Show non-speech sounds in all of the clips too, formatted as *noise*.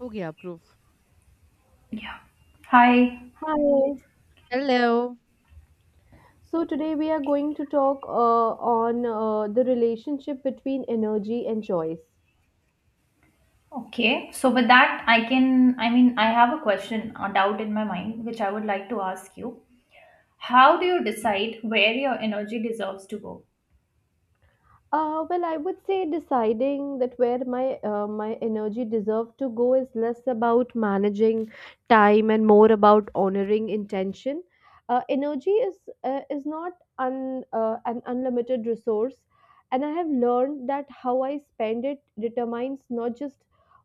Okay, approve. Yeah. Hi. Hi. Hello. So today we are going to talk on the relationship between energy and choice. Okay. So with that, I can, I mean, I have a question, a doubt in my mind, which I would like to ask you. How do you decide where your energy deserves to go? Well, I would say deciding that where my energy deserve to go is less about managing time and more about honoring intention. Energy is not un, an unlimited resource, and I have learned that how I spend it determines not just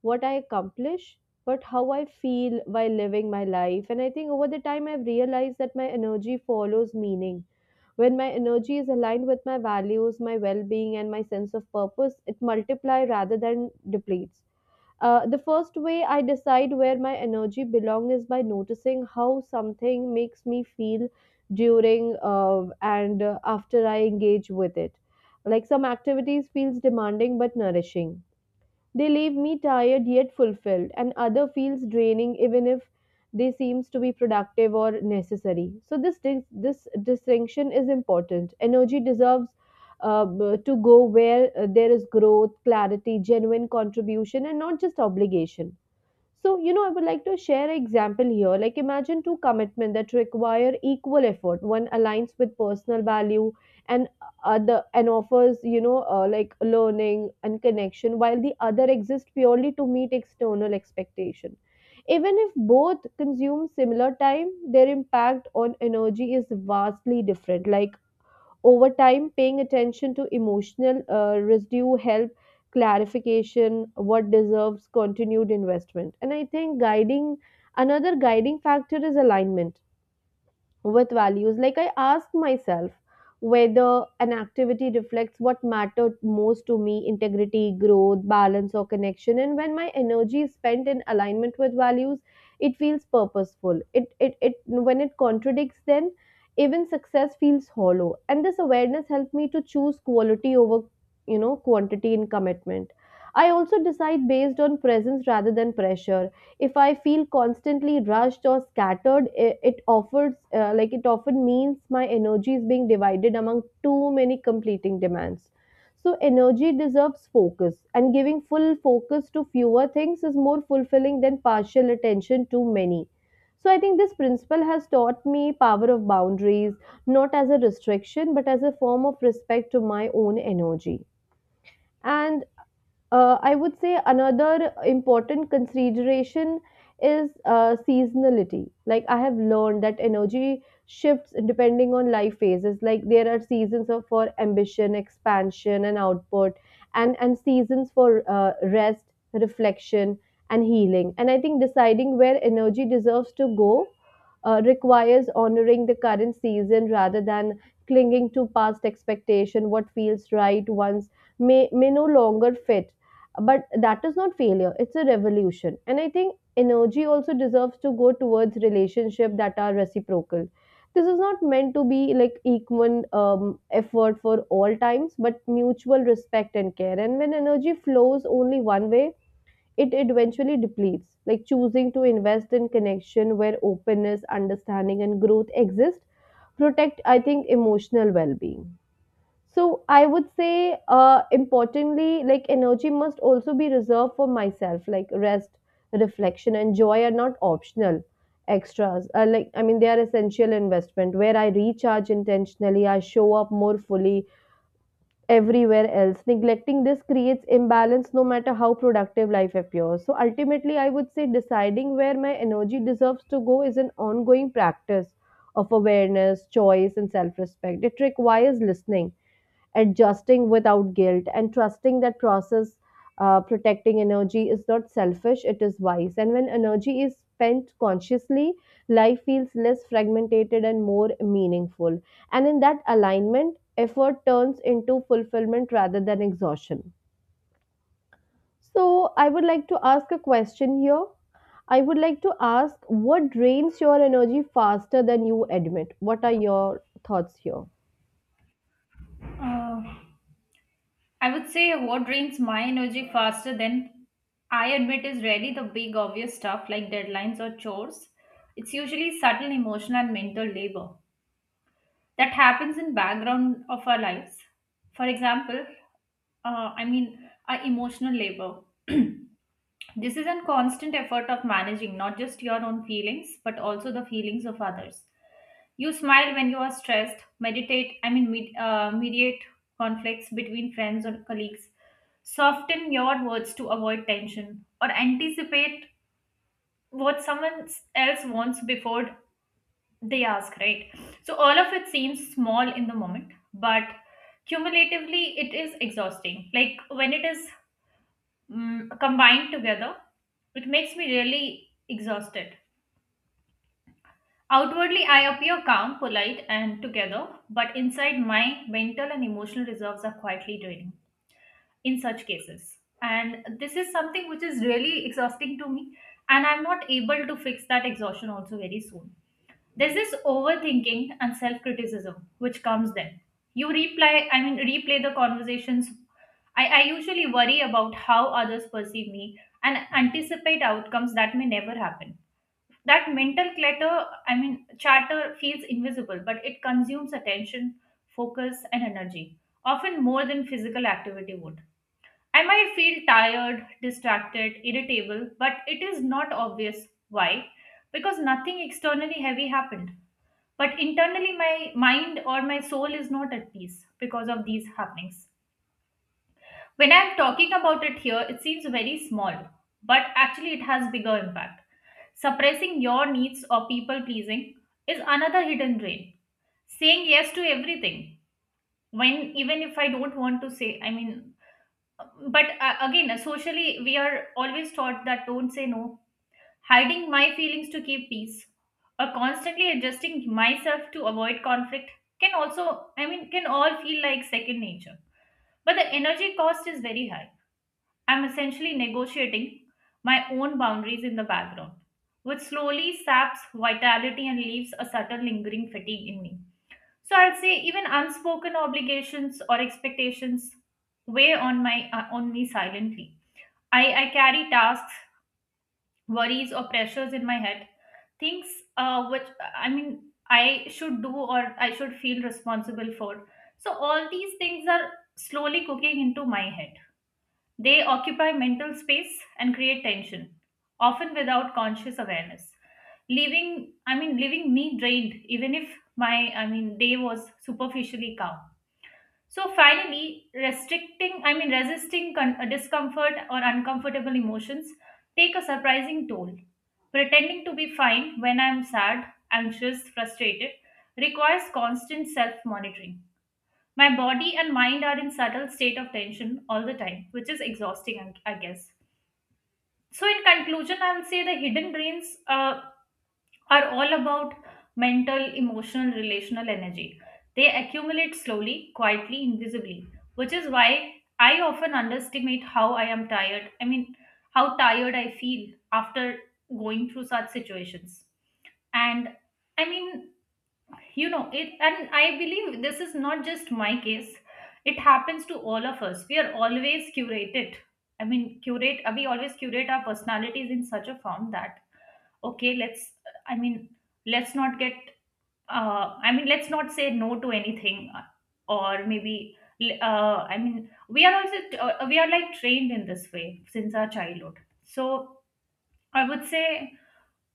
what I accomplish, but how I feel while living my life. And I think over the time, I've realized that my energy follows meaning when my energy is aligned with my values, my well being, and my sense of purpose, it multiplies rather than depletes. The first way I decide where my energy belongs is by noticing how something makes me feel during and after I engage with it. Like some activities feels demanding but nourishing, they leave me tired yet fulfilled, and other feels draining even if they seems to be productive or necessary. So this distinction is important. Energy deserves to go where there is growth, clarity, genuine contribution, and not just obligation. So, you know, I would like to share an example here. Like, imagine two commitments that require equal effort. One aligns with personal value, and other and offers, you know, like learning and connection, while the other exists purely to meet external expectation. Even if both consume similar time, their impact on energy is vastly different. Like over time, paying attention to emotional residue help clarification what deserves continued investment. And I think guiding another guiding factor is alignment with values. Like I ask myself whether an activity reflects what mattered most to me: integrity, growth, balance, or connection. And when my energy is spent in alignment with values, it feels purposeful. It when it contradicts, then even success feels hollow. And this awareness helped me to choose quality over, you know, quantity in commitment. I also decide based on presence rather than pressure. If I feel constantly rushed or scattered, it offers, like it often means my energy is being divided among too many completing demands. So energy deserves focus, and giving full focus to fewer things is more fulfilling than partial attention to many. So I think this principle has taught me power of boundaries, not as a restriction but as a form of respect to my own energy. And I would say another important consideration is seasonality. Like I have learned that energy shifts depending on life phases. Like there are seasons of, for ambition, expansion, and output, and seasons for rest, reflection, and healing. And I think deciding where energy deserves to go requires honoring the current season rather than clinging to past expectation. What feels right once may no longer fit, but that is not failure, it's a revolution. And I think energy also deserves to go towards relationships that are reciprocal. This is not meant to be like equal effort for all times, but mutual respect and care. And when energy flows only one way, it eventually depletes. Like choosing to invest in connection where openness, understanding, and growth exist protect, I think, emotional well-being. So I would say, importantly, like energy must also be reserved for myself. Like rest, reflection, and joy are not optional extras. Like I mean, they are essential investment where I recharge intentionally. I show up more fully everywhere else. Neglecting this creates imbalance, no matter how productive life appears. So ultimately, I would say deciding where my energy deserves to go is an ongoing practice of awareness, choice, and self-respect. It requires listening, adjusting without guilt, and trusting that process. Protecting energy is not selfish, it is wise, and when energy is spent consciously, life feels less fragmented and more meaningful, and in that alignment effort turns into fulfillment rather than exhaustion. So I would like to ask a question here. I would like to ask, what drains your energy faster than you admit? What are your thoughts here? Uh, I would say what drains my energy faster than I admit is really the big obvious stuff like deadlines or chores. It's usually subtle emotional and mental labor that happens in background of our lives. For example, I mean, our emotional labor. *clears throat* This is a constant effort of managing not just your own feelings, but also the feelings of others. You smile when you are stressed, meditate, I mean, mediate conflicts between friends or colleagues, soften your words to avoid tension, or anticipate what someone else wants before they ask, right? So, all of it seems small in the moment, but cumulatively, it is exhausting. Like when it is combined together, it makes me really exhausted. Outwardly, I appear calm, polite, and together, but inside, my mental and emotional reserves are quietly draining in such cases. And this is something which is really exhausting to me, and I'm not able to fix that exhaustion also very soon. There's this overthinking and self-criticism which comes then. You replay, I mean, replay the conversations. I usually worry about how others perceive me and anticipate outcomes that may never happen. That mental clutter, I mean, chatter feels invisible, but it consumes attention, focus, and energy, often more than physical activity would. I might feel tired, distracted, irritable, but it is not obvious why, because nothing externally heavy happened, but internally, my mind or my soul is not at peace because of these happenings. When I'm talking about it here, it seems very small, but actually, it has bigger impact. Suppressing your needs or people pleasing is another hidden drain. Saying yes to everything, when even if I don't want to say, I mean, but again, socially, we are always taught that don't say no. Hiding my feelings to keep peace or constantly adjusting myself to avoid conflict can also, I mean, can all feel like second nature. But the energy cost is very high. I'm essentially negotiating my own boundaries in the background, which slowly saps vitality and leaves a subtle lingering fatigue in me. So I'll say even unspoken obligations or expectations weigh on my on me silently. I carry tasks, worries or pressures in my head, things which i mean I should do or I should feel responsible for. So all these things are slowly cooking into my head, they occupy mental space and create tension often without conscious awareness, leaving I mean leaving me drained even if my day was superficially calm. So finally, resisting discomfort or uncomfortable emotions take a surprising toll. Pretending to be fine when I'm sad, anxious, frustrated requires constant self monitoring. My body and mind are in subtle state of tension all the time, which is exhausting, I guess. So in conclusion, I will say the hidden brains are all about mental, emotional, relational energy. They accumulate slowly, quietly, invisibly, which is why I often underestimate how I am tired. I mean, how tired I feel after going through such situations. And I mean, you know it, and I believe this is not just my case. It happens to all of us. We are always curated, I mean curate we always curate our personalities in such a form that, okay, i mean let's not get, let's not say no to anything, or maybe, we are also, we are like trained in this way since our childhood. So I would say,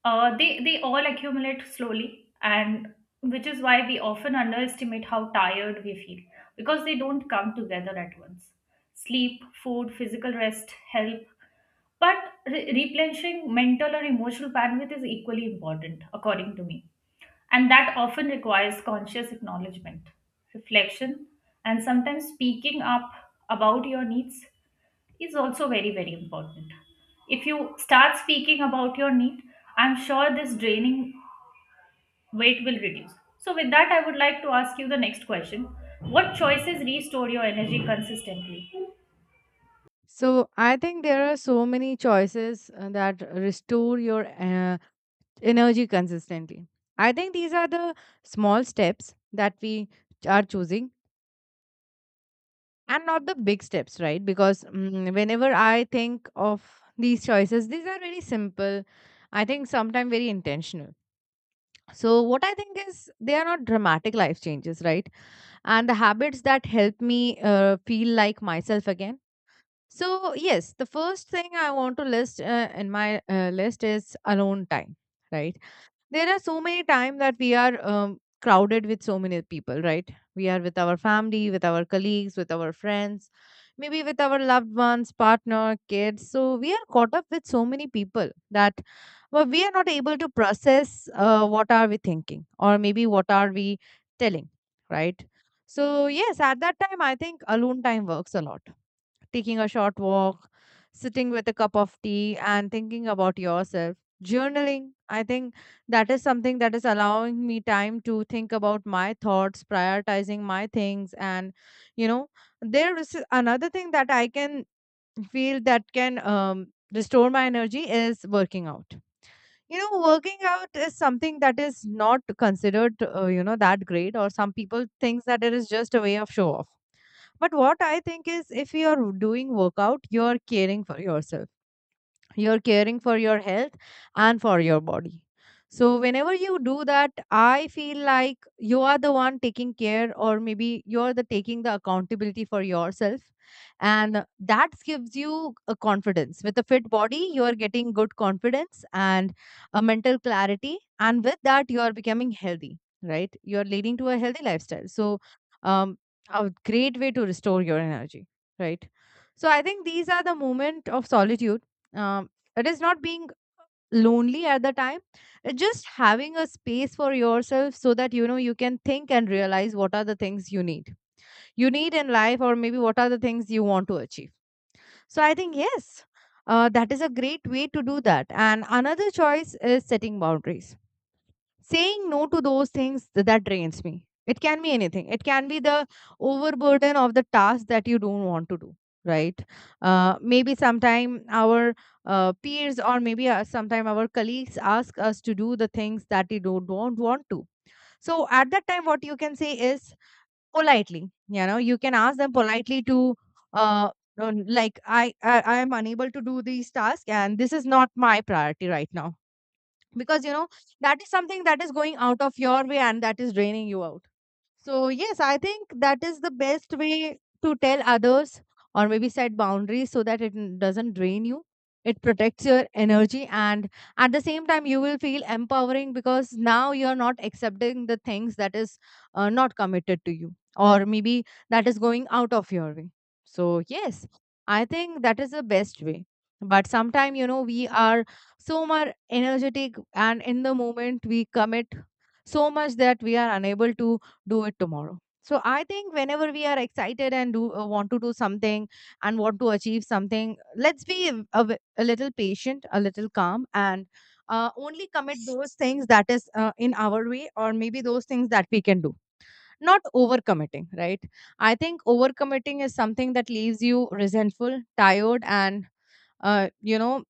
they all accumulate slowly, and which is why we often underestimate how tired we feel because they don't come together at once. Sleep, food, physical rest help, but replenishing mental or emotional bandwidth is equally important, according to me, and that often requires conscious acknowledgement, reflection, and sometimes speaking up about your needs is also very very important. If you start speaking about your need, I'm sure this draining weight will reduce. So with that, I would like to ask you the next question. What choices restore your energy consistently? So I think there are so many choices that restore your energy consistently. I think these are the small steps that we are choosing and not the big steps, right? Because whenever I think of these choices, these are very simple. I think sometimes very intentional. So what I think is they are not dramatic life changes, right? And the habits that help me feel like myself again. So, yes, the first thing I want to list in my list is alone time, right? There are so many time that we are crowded with so many people, right? We are with our family, with our colleagues, with our friends, maybe with our loved ones, partner, kids. So, we are caught up with so many people that well, we are not able to process what are we thinking or maybe what are we telling, right? So, yes, at that time, I think alone time works a lot, taking a short walk, sitting with a cup of tea, and thinking about yourself. Journaling, I think that is something that is allowing me time to think about my thoughts, prioritizing my things, and you know, there is another thing that I can feel that can restore my energy is working out. You know, working out is something that is not considered you know, that great, or some people thinks that it is just a way of show off, but what I think is if you're doing workout, you're caring for yourself, you're caring for your health and for your body. So whenever you do that, I feel like you are the one taking care, or maybe you're the taking the accountability for yourself, and that gives you a confidence. With a fit body, you are getting good confidence and a mental clarity, and with that, you are becoming healthy, right? You are leading to a healthy lifestyle. So um a great way to restore your energy, right? So I think these are the moment of solitude. um, it is not being lonely at the time, it's just having a space for yourself so that you know you can think and realize what are the things you need, you need in life, or maybe what are the things you want to achieve. So I think yes, that is a great way to do that. And another choice is setting boundaries, saying no to those things that drains me. It can be anything, it can be the overburden of the task that you don't want to do, right? Maybe sometime our peers, or maybe sometime our colleagues ask us to do the things that we don't want to. So at that time, what you can say is politely, you know, you can ask them politely to uh, like, I am unable to do these tasks and this is not my priority right now. Because you know that is something that is going out of your way and that is draining you out. So, yes, I think that is the best way to tell others or maybe set boundaries so that it doesn't drain you. It protects your energy, and at the same time, you will feel empowering because now you're not accepting the things that is not committed to you, or maybe that is going out of your way. So, yes, I think that is the best way. But sometimes, you know, we are so much energetic, and in the moment, we commit so much that we are unable to do it tomorrow. So I think whenever we are excited and do want to do something and want to achieve something, let's be a, a little patient, a little calm, and only commit those things that is in our way, or maybe those things that we can do, not overcommitting, right? I think overcommitting is something that leaves you resentful, tired, and you know,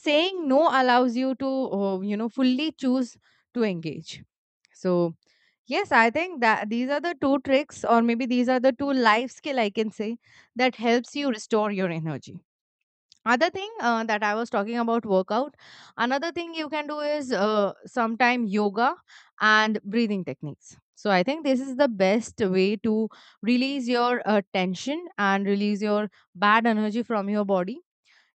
saying no allows you to you know, fully choose to engage. So, yes, I think that these are the two tricks, or maybe these are the two life skill I can say that helps you restore your energy. Other thing that I was talking about workout. Another thing you can do is sometime yoga and breathing techniques. So I think this is the best way to release your tension and release your bad energy from your body.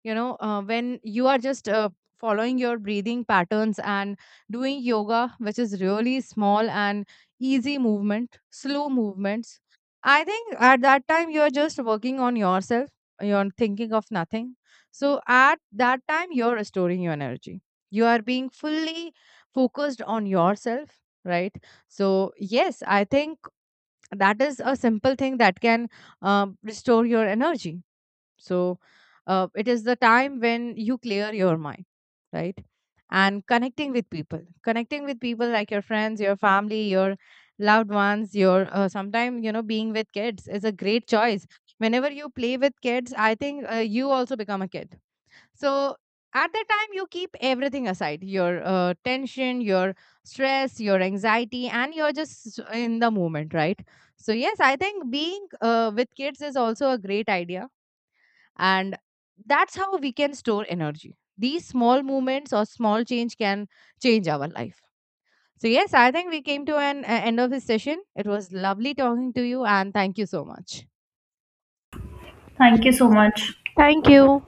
You know, when you are just following your breathing patterns and doing yoga, which is really small and easy movement, slow movements, I think at that time you are just working on yourself, you're thinking of nothing. So at that time you're restoring your energy, you are being fully focused on yourself, right? So yes, I think that is a simple thing that can restore your energy. So it is the time when you clear your mind, right? And connecting with people like your friends, your family, your loved ones, your sometimes, you know, being with kids is a great choice. Whenever you play with kids, I think you also become a kid. So at that time, you keep everything aside, your tension, your stress, your anxiety, and you're just in the moment, right? So, yes, I think being with kids is also a great idea, and that's how we can store energy. These small movements or small change can change our life. So yes, I think we came to an end of this session. It was lovely talking to you, and thank you so much. Thank you so much. Thank you.